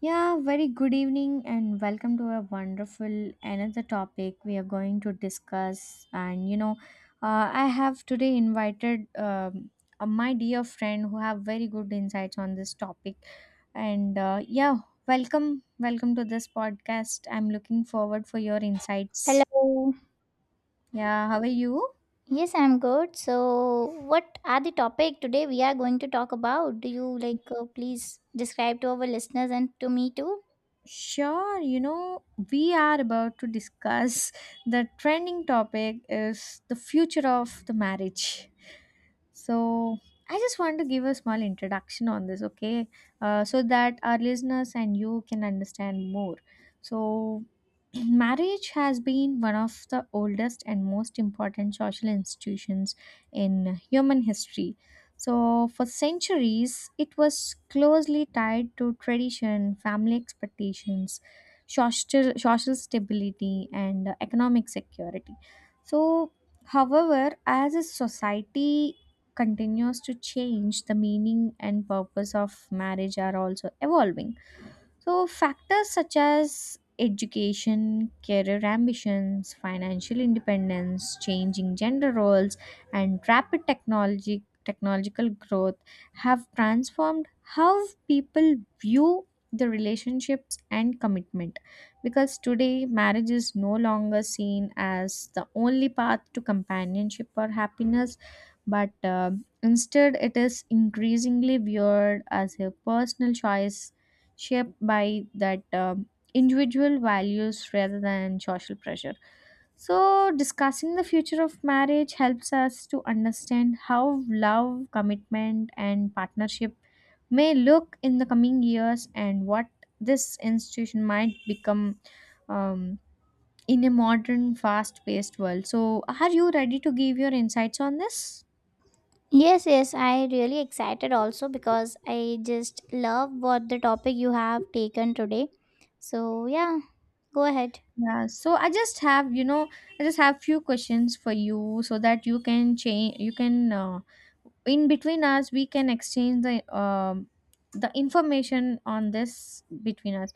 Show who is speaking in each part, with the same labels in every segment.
Speaker 1: Yeah, very good evening and welcome to a wonderful another topic we are going to discuss. And I have today invited my dear friend who have very good insights on this topic. And uh, yeah, welcome to this podcast. I'm looking forward for your insights.
Speaker 2: Hello.
Speaker 1: Yeah, how are you?
Speaker 2: Yes, I'm good. So, what are the topic today we are going to talk about? Do you like please describe to our listeners and to me too?
Speaker 1: Sure, you know, we are about to discuss the trending topic is the future of the marriage. So, I just want to give a small introduction on this, okay? So that our listeners and you can understand more. So, marriage has been one of the oldest and most important social institutions in human history. So, for centuries, it was closely tied to tradition, family expectations, social stability, and economic security. So, however, as a society continues to change, the meaning and purpose of marriage are also evolving. So, factors such as education, career ambitions, financial independence, changing gender roles, and rapid technology technological growth have transformed how people view the relationships and commitment, because today marriage is no longer seen as the only path to companionship or happiness, but instead it is increasingly viewed as a personal choice shaped by that individual values rather than social pressure. So, discussing the future of marriage helps us to understand how love, commitment, and partnership may look in the coming years and what this institution might become, um, in a modern, fast paced world. So, are you ready to give your insights on this?
Speaker 2: Yes, I really excited also because I just love what the topic you have taken today. So, yeah, go ahead.
Speaker 1: Yeah, so I just have few questions for you so that you can in between us we can exchange the information on this between us.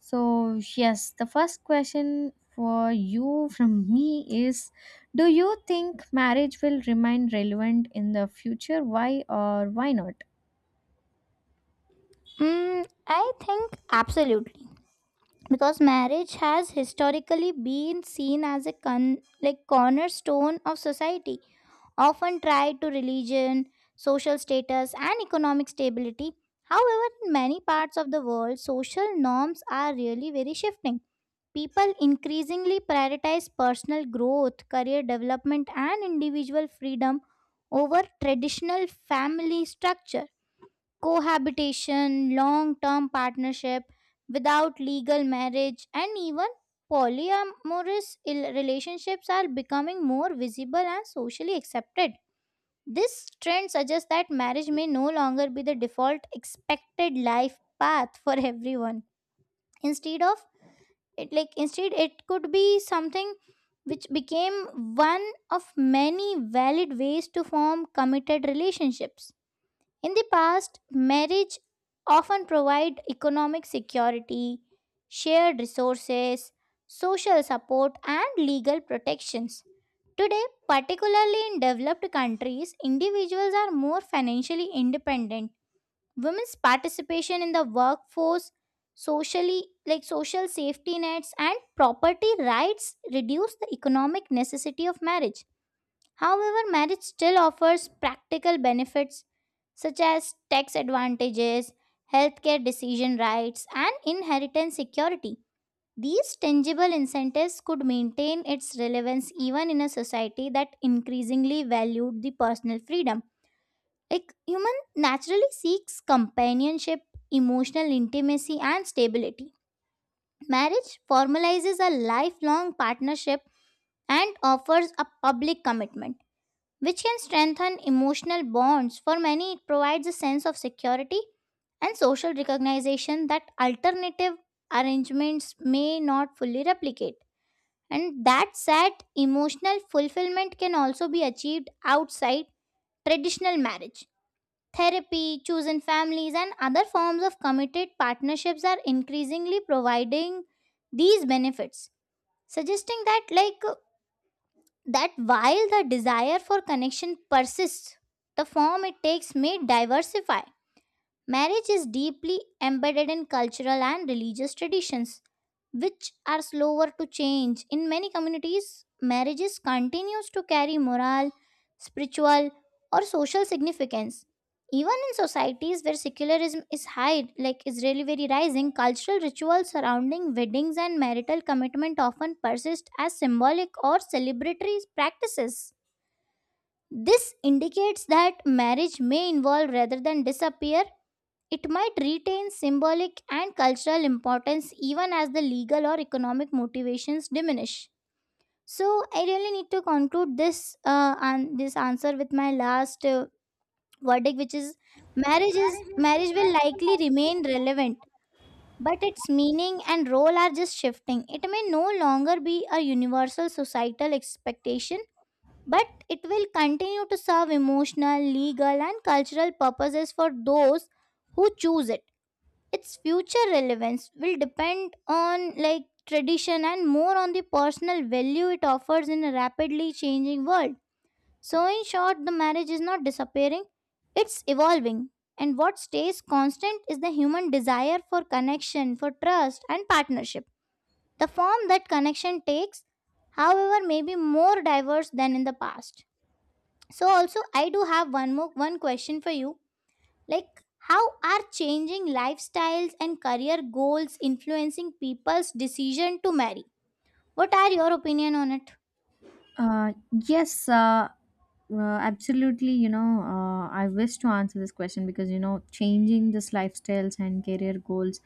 Speaker 1: So, yes, the first question for you from me is, do you think marriage will remain relevant in the future? Why or why not?
Speaker 2: Mm, I think absolutely because marriage has historically been seen as a like cornerstone of society often tied to religion, social status, and economic stability. However, in many parts of the world, social norms are really very shifting. People increasingly prioritize personal growth, career development, and individual freedom over traditional family structure. Cohabitation, long term partnership without legal marriage, and even polyamorous relationships are becoming more visible and socially accepted. This trend suggests that marriage may no longer be the default expected life path for everyone. Instead of instead, it could be something which became one of many valid ways to form committed relationships. In the past, marriage often provided economic security, shared resources, social support, and legal protections. Today, particularly in developed countries, individuals are more financially independent. Women's participation in the workforce, socially like social safety nets and property rights reduce the economic necessity of marriage. However, marriage still offers practical benefits such as tax advantages, healthcare decision rights, and inheritance security. These tangible incentives could maintain its relevance even in a society that increasingly valued the personal freedom. Like human naturally seeks companionship, emotional intimacy, and stability. Marriage formalizes a lifelong partnership and offers a public commitment which can strengthen emotional bonds. For many, it provides a sense of security and social recognition that alternative arrangements may not fully replicate. And that said, emotional fulfillment can also be achieved outside traditional marriage. Therapy, chosen families, and other forms of committed partnerships are increasingly providing these benefits, suggesting that, that while the desire for connection persists, the form it takes may diversify. Marriage is deeply embedded in cultural and religious traditions, which are slower to change. In many communities, marriages continues to carry moral, spiritual, or social significance. Even in societies where secularism is high, like Israeli very rising, cultural rituals surrounding weddings and marital commitment often persist as symbolic or celebratory practices. This indicates that marriage may involve rather than disappear, it might retain symbolic and cultural importance even as the legal or economic motivations diminish. So, I really need to conclude this this answer with my last verdict, which is marriage will likely remain relevant, but its meaning and role are just shifting. It may no longer be a universal societal expectation, but it will continue to serve emotional, legal, and cultural purposes for those who choose it. Its future relevance will depend on like tradition and more on the personal value it offers in a rapidly changing world. So, in short, the marriage is not disappearing, it's evolving, and what stays constant is the human desire for connection, for trust and partnership. The form that connection takes, however, may be more diverse than in the past. So also I do have one more one question for you. like, how are changing lifestyles and career goals influencing people's decision to marry? What are your opinion on it?
Speaker 1: Uh, yes, uh, uh, absolutely. I wish to answer this question because, you know, changing this lifestyles and career goals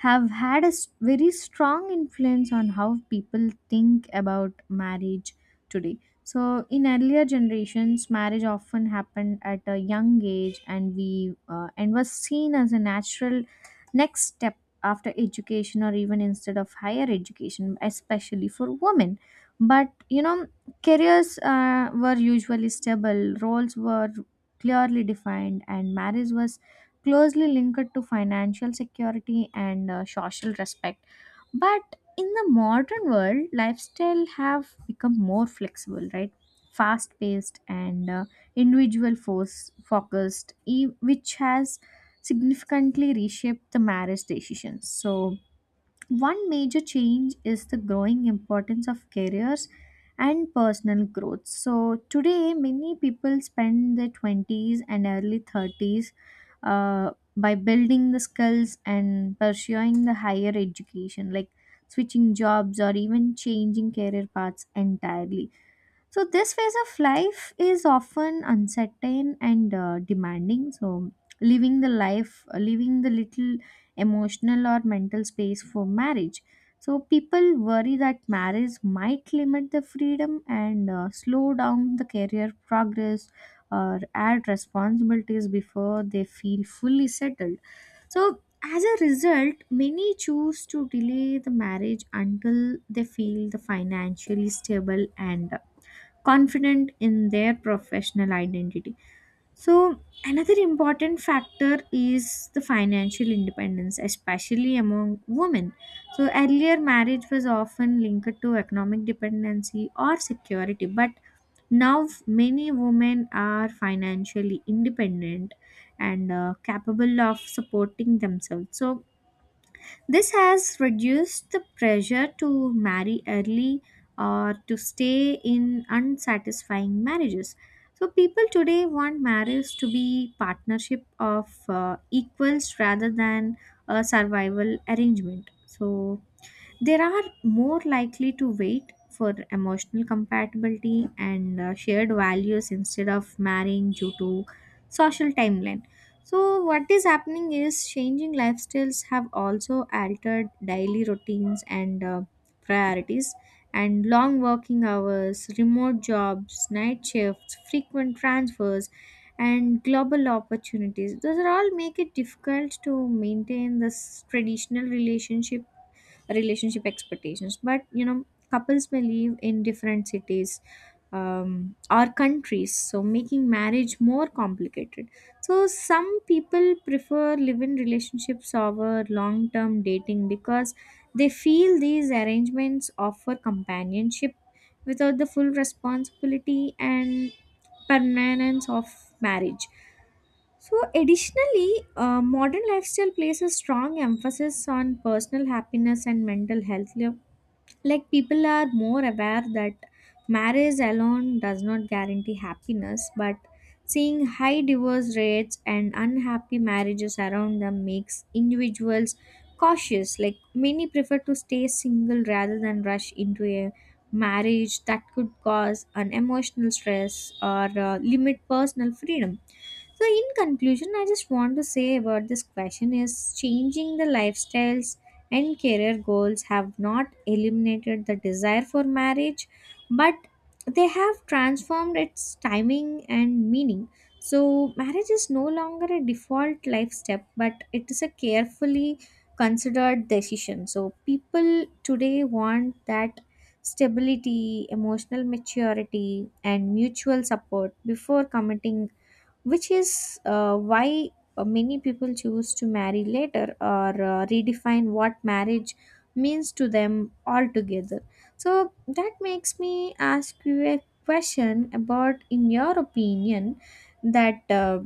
Speaker 1: have had very strong influence on how people think about marriage today. So, in earlier generations, marriage often happened at a young age and we and was seen as a natural next step after education or even instead of higher education, especially for women. But you know, careers were usually stable, roles were clearly defined, and marriage was closely linked to financial security and social respect. But in the modern world, lifestyle have become more flexible, right? Fast paced and individual force focused, which has significantly reshaped the marriage decisions. So, one major change is the growing importance of careers and personal growth. So, today, many people spend their 20s and early 30s by building the skills and pursuing the higher education, like switching jobs or even changing career paths entirely. So, this phase of life is often uncertain and demanding. So, leaving the little emotional or mental space for marriage. So, people worry that marriage might limit the freedom and slow down the career progress or add responsibilities before they feel fully settled. So, as a result, many choose to delay the marriage until they feel the financially stable and confident in their professional identity. So, another important factor is the financial independence, especially among women. So, earlier marriage was often linked to economic dependency or security, but now many women are financially independent and capable of supporting themselves. So, this has reduced the pressure to marry early or to stay in unsatisfying marriages. So, people today want marriage to be partnership of equals rather than a survival arrangement. So, they are more likely to wait for emotional compatibility and shared values instead of marrying due to social timeline. So, what is happening is changing lifestyles have also altered daily routines and priorities, and long working hours, remote jobs, night shifts, frequent transfers, and global opportunities. Those are all make it difficult to maintain this traditional relationship expectations. But you know, couples may live in different cities or countries, so making marriage more complicated. So some people prefer live-in relationships over long-term dating because they feel these arrangements offer companionship without the full responsibility and permanence of marriage. So, additionally, modern lifestyle places strong emphasis on personal happiness and mental health. Like, people are more aware that marriage alone does not guarantee happiness, but seeing high divorce rates and unhappy marriages around them makes individuals cautious. Like, many prefer to stay single rather than rush into a marriage that could cause an emotional stress or limit personal freedom. So, in conclusion, I just want to say about this question is changing the lifestyles and career goals have not eliminated the desire for marriage, but they have transformed its timing and meaning. So, marriage is no longer a default life step, but it is a carefully considered decision. So, people today want that stability, emotional maturity, and mutual support before committing, which is why many people choose to marry later or redefine what marriage means to them altogether. So that makes me ask you a question about, in your opinion, that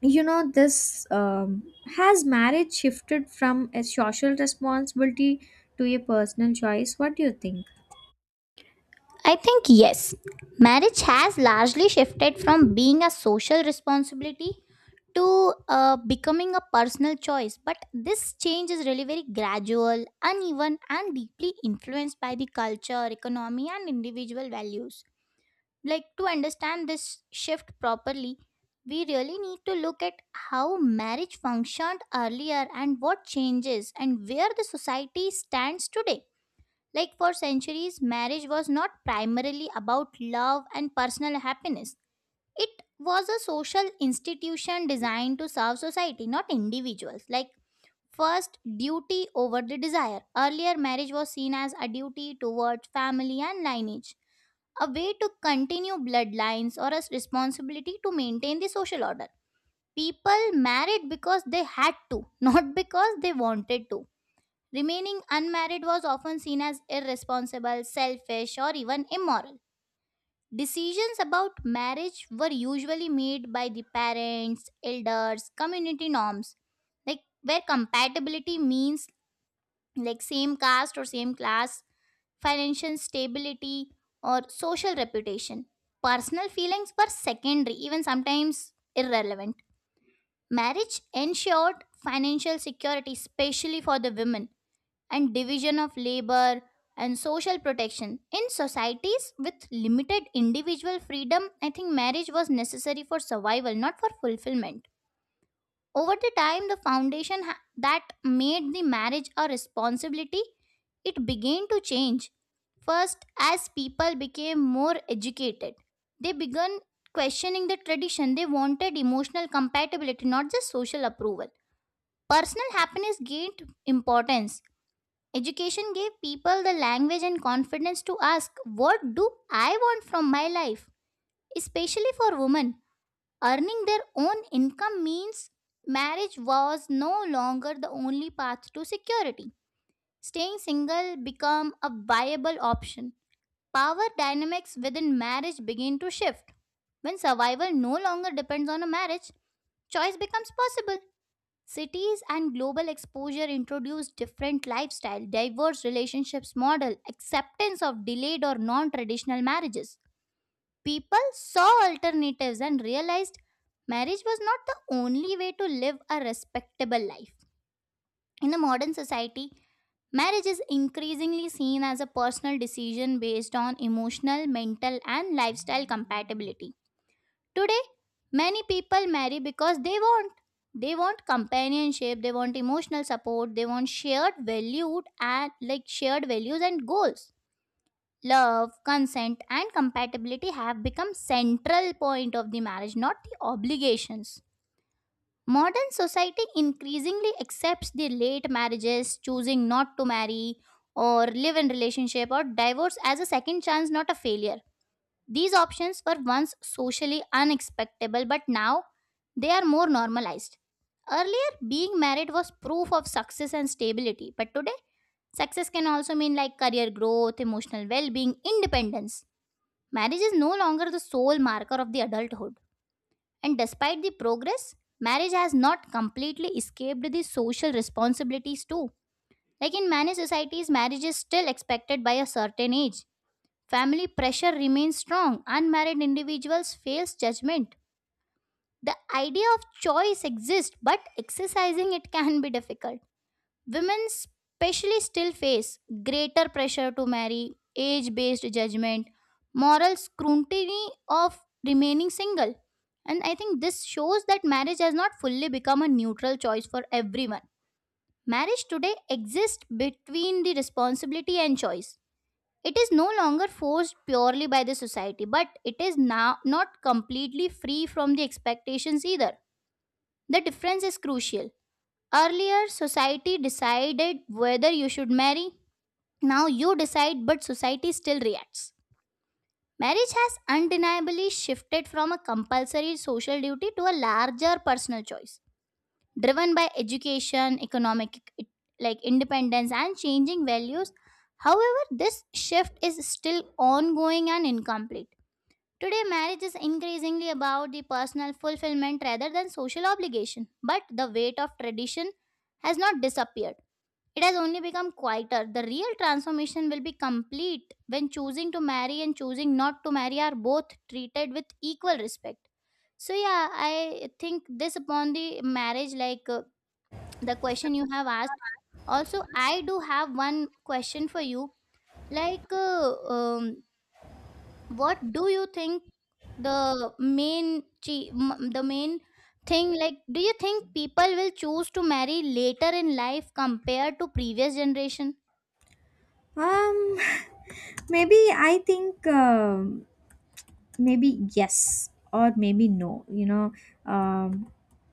Speaker 1: you know this has marriage shifted from a social responsibility to a personal choice? What do you think?
Speaker 2: I think yes. Marriage has largely shifted from being a social responsibility to becoming a personal choice. But this change is really very gradual, uneven, and deeply influenced by the culture, economy, and individual values. Like, to understand this shift properly, we really need to look at how marriage functioned earlier and what changes and where the society stands today. Like, for centuries, marriage was not primarily about love and personal happiness. It was a social institution designed to serve society, not individuals. Like, first duty over the desire, earlier marriage was seen as a duty towards family and lineage, a way to continue bloodlines or a responsibility to maintain the social order. People married because they had to, not because they wanted to. Remaining unmarried was often seen as irresponsible, selfish, or even immoral. Decisions about marriage were usually made by the parents, elders, community norms, like where compatibility means like same caste or same class, financial stability, or social reputation. Personal feelings were secondary, even sometimes irrelevant. Marriage ensured financial security, especially for the women, and division of labor and social protection. In societies with limited individual freedom, I think marriage was necessary for survival, not for fulfillment. Over the time, the foundation that made the marriage a responsibility, it began to change. First, as people became more educated, they began questioning the tradition. They wanted emotional compatibility, not just social approval. Personal happiness gained importance. Education gave people the language and confidence to ask, what do I want from my life? Especially for women. Earning their own income means marriage was no longer the only path to security. Staying single became a viable option. Power dynamics within marriage begin to shift. When survival no longer depends on a marriage, choice becomes possible. Cities and global exposure introduce different lifestyle, diverse relationships model, acceptance of delayed or non-traditional marriages. People saw alternatives and realized marriage was not the only way to live a respectable life. In the modern society, marriage is increasingly seen as a personal decision based on emotional, mental, and lifestyle compatibility. Today, many people marry because they want. They want companionship, they want emotional support, they want shared valued and shared values and goals. Love, consent and compatibility have become central point of the marriage, not the obligations. Modern society increasingly accepts the late marriages, choosing not to marry or live in relationship or divorce as a second chance, not a failure. These options were once socially unacceptable, but now they are more normalized. Earlier, being married was proof of success and stability, but today success can also mean like career growth, emotional well-being, independence. Marriage is no longer the sole marker of the adulthood. And despite the progress, marriage has not completely escaped the social responsibilities too. Like in many societies, marriage is still expected by a certain age. Family pressure remains strong. Unmarried individuals face judgment. The idea of choice exists, but exercising it can be difficult. Women, especially, still face greater pressure to marry, age based judgment, moral scrutiny of remaining single. And I think this shows that marriage has not fully become a neutral choice for everyone. Marriage today exists between the responsibility and choice. It is no longer forced purely by the society, but it is now not completely free from the expectations either. The difference is crucial. Earlier, society decided whether you should marry, now you decide, but society still reacts. Marriage has undeniably shifted from a compulsory social duty to a larger personal choice, driven by education, economic like independence, and changing values. However, this shift is still ongoing and incomplete. Today, marriage is increasingly about the personal fulfillment rather than social obligation, but the weight of tradition has not disappeared, it has only become quieter. The real transformation will be complete when choosing to marry and choosing not to marry are both treated with equal respect. So, yeah, I think this upon the marriage, the question you have asked. Also, I do have one question for you. Like, uh, um, what do you think the main thing, like, do you think people will choose to marry later in life compared to previous generation?
Speaker 1: Um, maybe I think. Maybe yes or maybe no, you know. Um,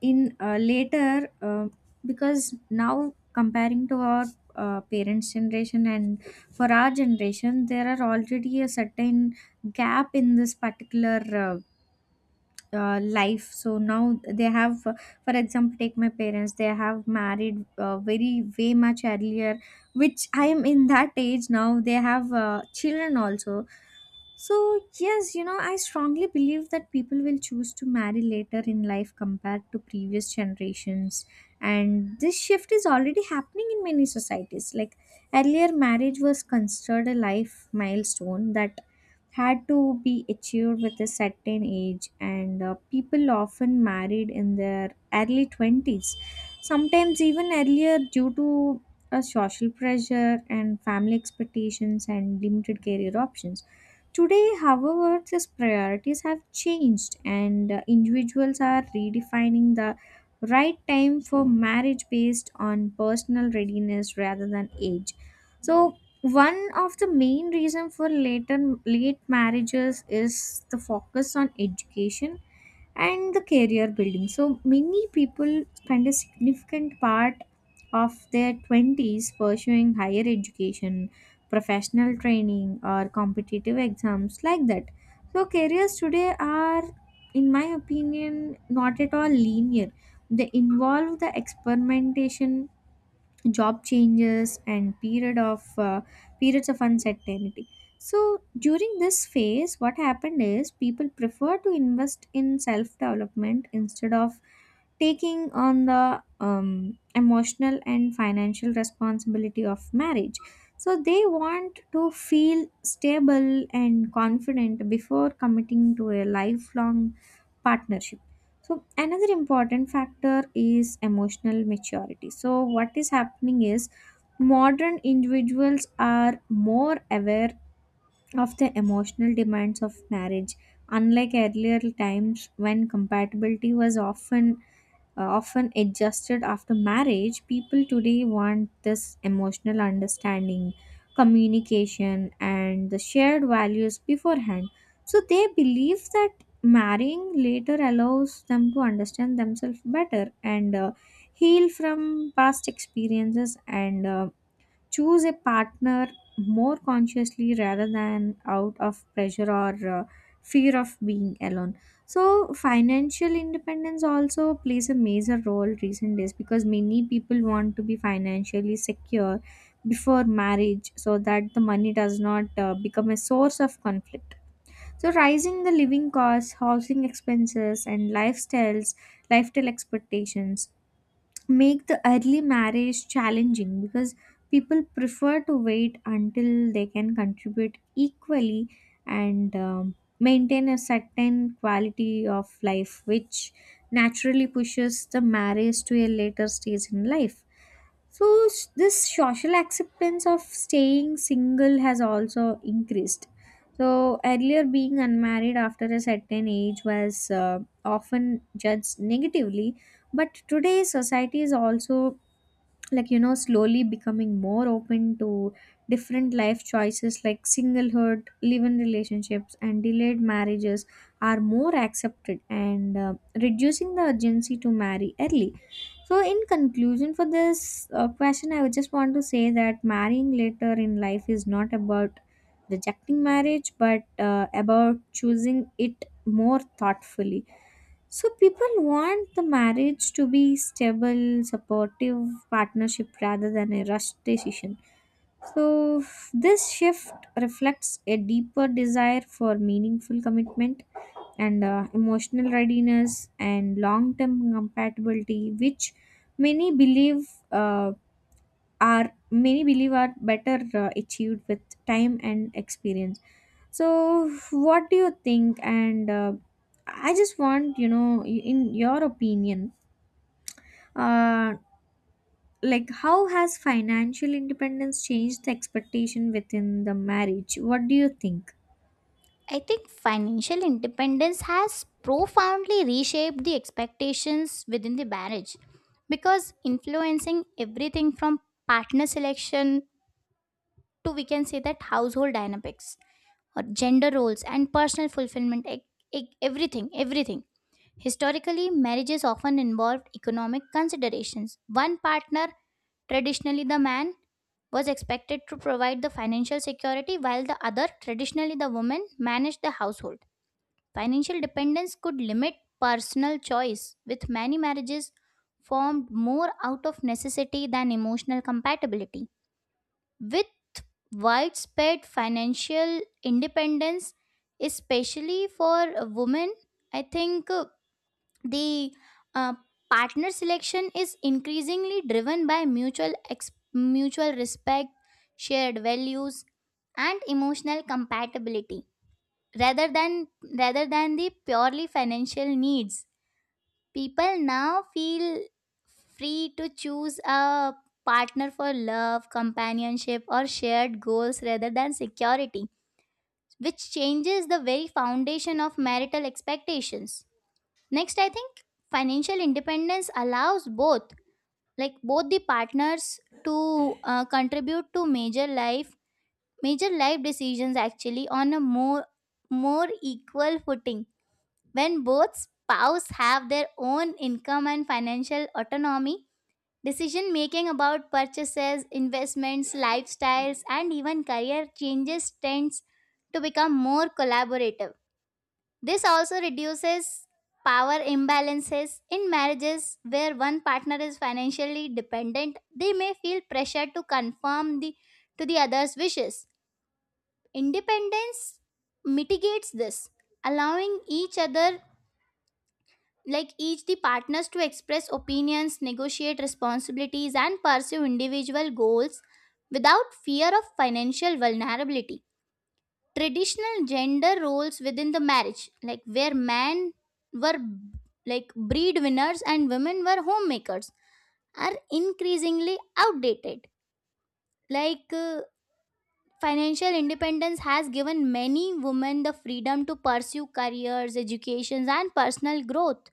Speaker 1: in later Because now comparing to our parents generation and for our generation there are already a certain gap in this particular life. So now they have, for example, take my parents, they have married very way much earlier, which I am in that age now, they have children also. So, yes, you know, I strongly believe that people will choose to marry later in life compared to previous generations. And this shift is already happening in many societies. Like earlier, marriage was considered a life milestone that had to be achieved with a certain age, and people often married in their early 20s, sometimes even earlier due to social pressure and family expectations and limited career options. Today, however, these priorities have changed, and individuals are redefining the right time for marriage based on personal readiness rather than age. So, one of the main reasons for late marriages is the focus on education and the career building. So many people spend a significant part of their 20s pursuing higher education, professional training or competitive exams like that. So careers today are, in my opinion, not at all linear. They involve the experimentation, job changes and periods of uncertainty. So during this phase what happened is people prefer to invest in self development instead of taking on the emotional and financial responsibility of marriage. So they want to feel stable and confident before committing to a lifelong partnership. So another important factor is emotional maturity. So what is happening is modern individuals are more aware of the emotional demands of marriage. Unlike earlier times when compatibility was often adjusted after marriage, people today want this emotional understanding, communication, and the shared values beforehand. So they believe that marrying later allows them to understand themselves better and heal from past experiences and choose a partner more consciously rather than out of pressure or fear of being alone. So financial independence also plays a major role recent days because many people want to be financially secure before marriage so that the money does not become a source of conflict. So rising the living costs, housing expenses and lifestyle expectations make the early marriage challenging because people prefer to wait until they can contribute equally and maintain a certain quality of life which naturally pushes the marriage to a later stage in life. So s- this social acceptance of staying single has also increased. So earlier being unmarried after a certain age was often judged negatively, but today society is also, like you know, slowly becoming more open to different life choices like singlehood, live-in relationships and delayed marriages are more accepted and reducing the urgency to marry early. So in conclusion for this question, I would just want to say that marrying later in life is not about rejecting marriage, but about choosing it more thoughtfully. So people want the marriage to be stable, supportive partnership rather than a rushed decision. So this shift reflects a deeper desire for meaningful commitment and emotional readiness and long-term compatibility, which many believe uh, many believe are better achieved with time and experience. So, what do you think? And I just want, you know, y- In your opinion, uh, like how has financial independence changed the expectation within the marriage? What do you think?
Speaker 2: I think financial independence has profoundly reshaped the expectations within the marriage because influencing everything from partner selection to, we can say that, household dynamics or gender roles and personal fulfillment, everything. Historically, marriages often involved economic considerations. One partner, traditionally the man, was expected to provide the financial security while the other, traditionally the woman, managed the household. Financial dependence could limit personal choice, with many marriages formed more out of necessity than emotional compatibility. With widespread financial independence, especially for women, I think the uh, partner selection is increasingly driven by mutual respect, shared values, and emotional compatibility rather than rather than the purely financial needs. People now feel free to choose a partner for love, companionship or shared goals rather than security, which changes the very foundation of marital expectations. Next, I think financial independence allows both both the partners to contribute to major life decisions, actually, on a more equal footing. When both spouses have their own income and financial autonomy, decision making about purchases, investments, lifestyles, and even career changes tends to become more collaborative. This also reduces power imbalances in marriages where one partner is financially dependent. They may feel pressure to conform the to the other's wishes. Independence mitigates this, allowing each other, like each the partners, to express opinions, negotiate responsibilities and pursue individual goals without fear of financial vulnerability. Traditional gender roles within the marriage, like where men were like breadwinners and women were homemakers, are increasingly outdated. Like, financial independence has given many women the freedom to pursue careers, educations and personal growth.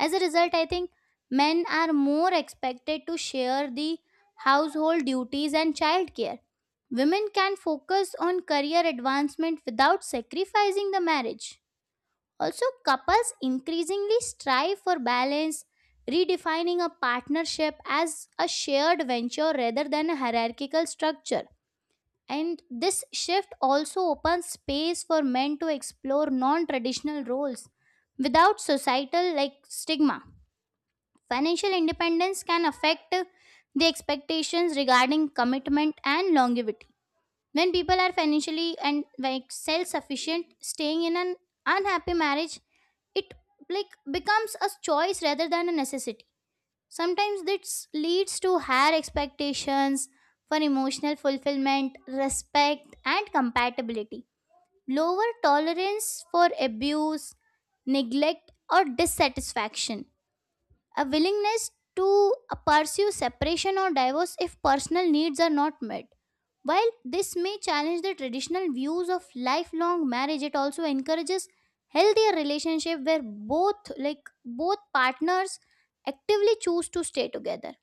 Speaker 2: As a result, I think men are more expected to share the household duties and childcare. Women can focus on career advancement without sacrificing the marriage. Also, couples increasingly strive for balance, redefining a partnership as a shared venture rather than a hierarchical structure. And this shift also opens space for men to explore non traditional roles without societal like stigma. Financial independence can affect the expectations regarding commitment and longevity. When people are financially and like self-sufficient, staying in an unhappy marriage, it like becomes a choice rather than a necessity. Sometimes this leads to higher expectations for emotional fulfillment, respect, and compatibility. Lower tolerance for abuse, neglect, or dissatisfaction, a willingness to pursue separation or divorce if personal needs are not met. While this may challenge the traditional views of lifelong marriage, it also encourages healthier relationship where both both partners actively choose to stay together.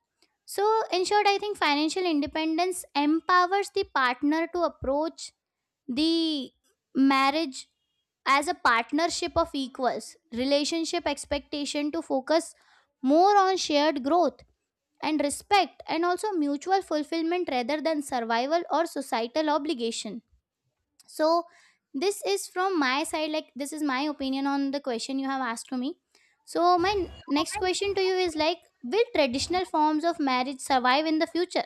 Speaker 2: So, in short, I think financial independence empowers the partner to approach the marriage as a partnership of equals, relationship expectation to focus more on shared growth and respect and also mutual fulfillment rather than survival or societal obligation. So this is from my side, like this is my opinion on the question you have asked to me. So my next question to you is, like, will traditional forms of marriage survive in the future?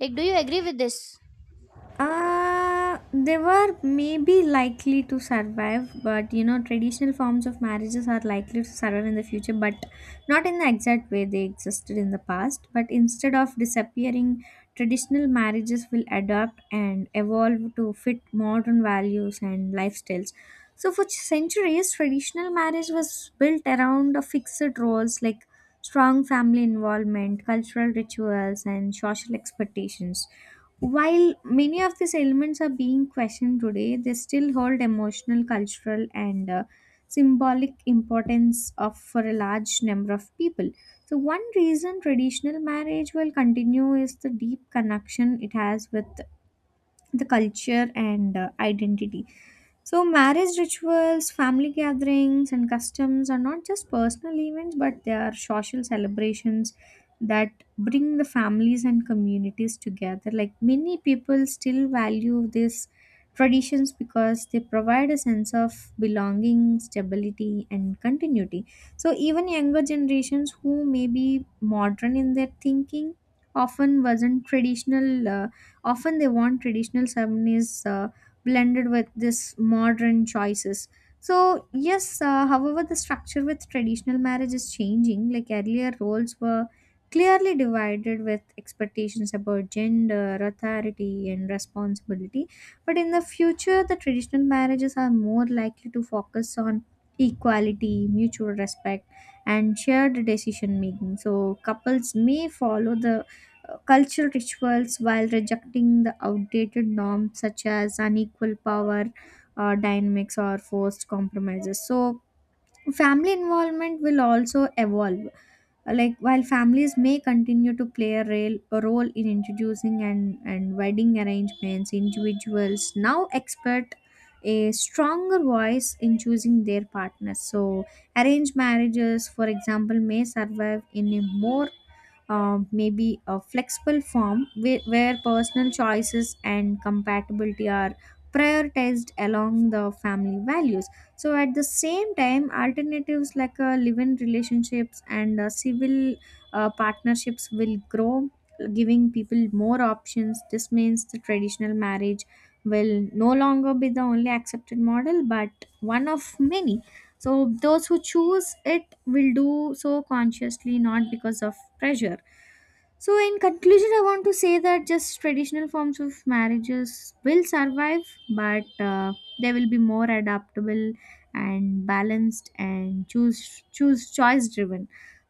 Speaker 2: Like, do you agree with this?
Speaker 1: They were maybe likely to survive, but you know, traditional forms of marriages are likely to survive in the future, but not in the exact way they existed in the past. But instead of disappearing, traditional marriages will adapt and evolve to fit modern values and lifestyles. So, for centuries, traditional marriage was built around a fixed roles like strong family involvement, cultural rituals, and social expectations, while many of these elements are being questioned today, they still hold emotional, cultural, and symbolic importance of for a large number of people. So, one reason traditional marriage will continue is the deep connection it has with the culture and identity. So, marriage rituals, family gatherings, and customs are not just personal events, but they are social celebrations that bring the families and communities together. Like many people still value these traditions because they provide a sense of belonging, stability, and continuity. So, even younger generations who may be modern in their thinking often wasn't traditional often they want traditional ceremonies blended with this modern choices. So yes, however the structure with traditional marriage is changing. Like earlier roles were clearly divided with expectations about gender, authority and responsibility, but in the future the traditional marriages are more likely to focus on equality, mutual respect and shared decision making. So couples may follow the cultural rituals while rejecting the outdated norms such as unequal power dynamics or forced compromises. So family involvement will also evolve. Like while families may continue to play a role in introducing and wedding arrangements, individuals now expect a stronger voice in choosing their partners. So arranged marriages, for example, may survive in a more maybe a flexible form where personal choices and compatibility are prioritized along the family values. So at the same time alternatives like live-in relationships and civil partnerships will grow, giving people more options. This means the traditional marriage will no longer be the only accepted model but one of many. So those who choose it will do so consciously, not because of pressure. So, in conclusion, I want to say that just traditional forms of marriages will survive, but they will be more adaptable and balanced and choose choose choice driven.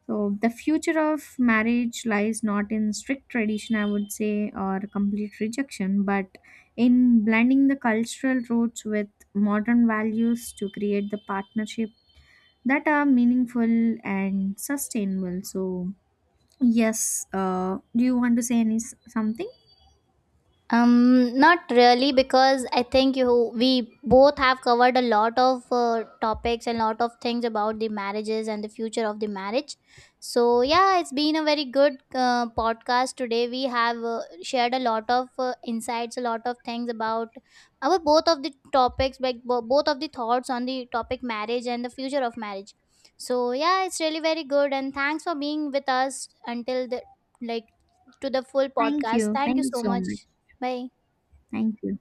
Speaker 1: So, the future of marriage lies not in strict tradition, I would say, or complete rejection, but in blending the cultural roots with modern values to create the partnership that are meaningful and sustainable. So, yes. Do you want to say any something?
Speaker 2: Not really, because I think you we both have covered a lot of topics and lot of things about the marriages and the future of the marriage. So yeah, it's been a very good podcast today. We have shared a lot of insights, a lot of things about our both of the topics, like both of the thoughts on the topic marriage and the future of marriage. So yeah, it's really very good, and thanks for being with us until the like to the full
Speaker 1: Thank
Speaker 2: podcast.
Speaker 1: you.
Speaker 2: Thank
Speaker 1: Thank
Speaker 2: you
Speaker 1: you
Speaker 2: so
Speaker 1: so
Speaker 2: much.
Speaker 1: much.
Speaker 2: Mình,
Speaker 1: Thank you.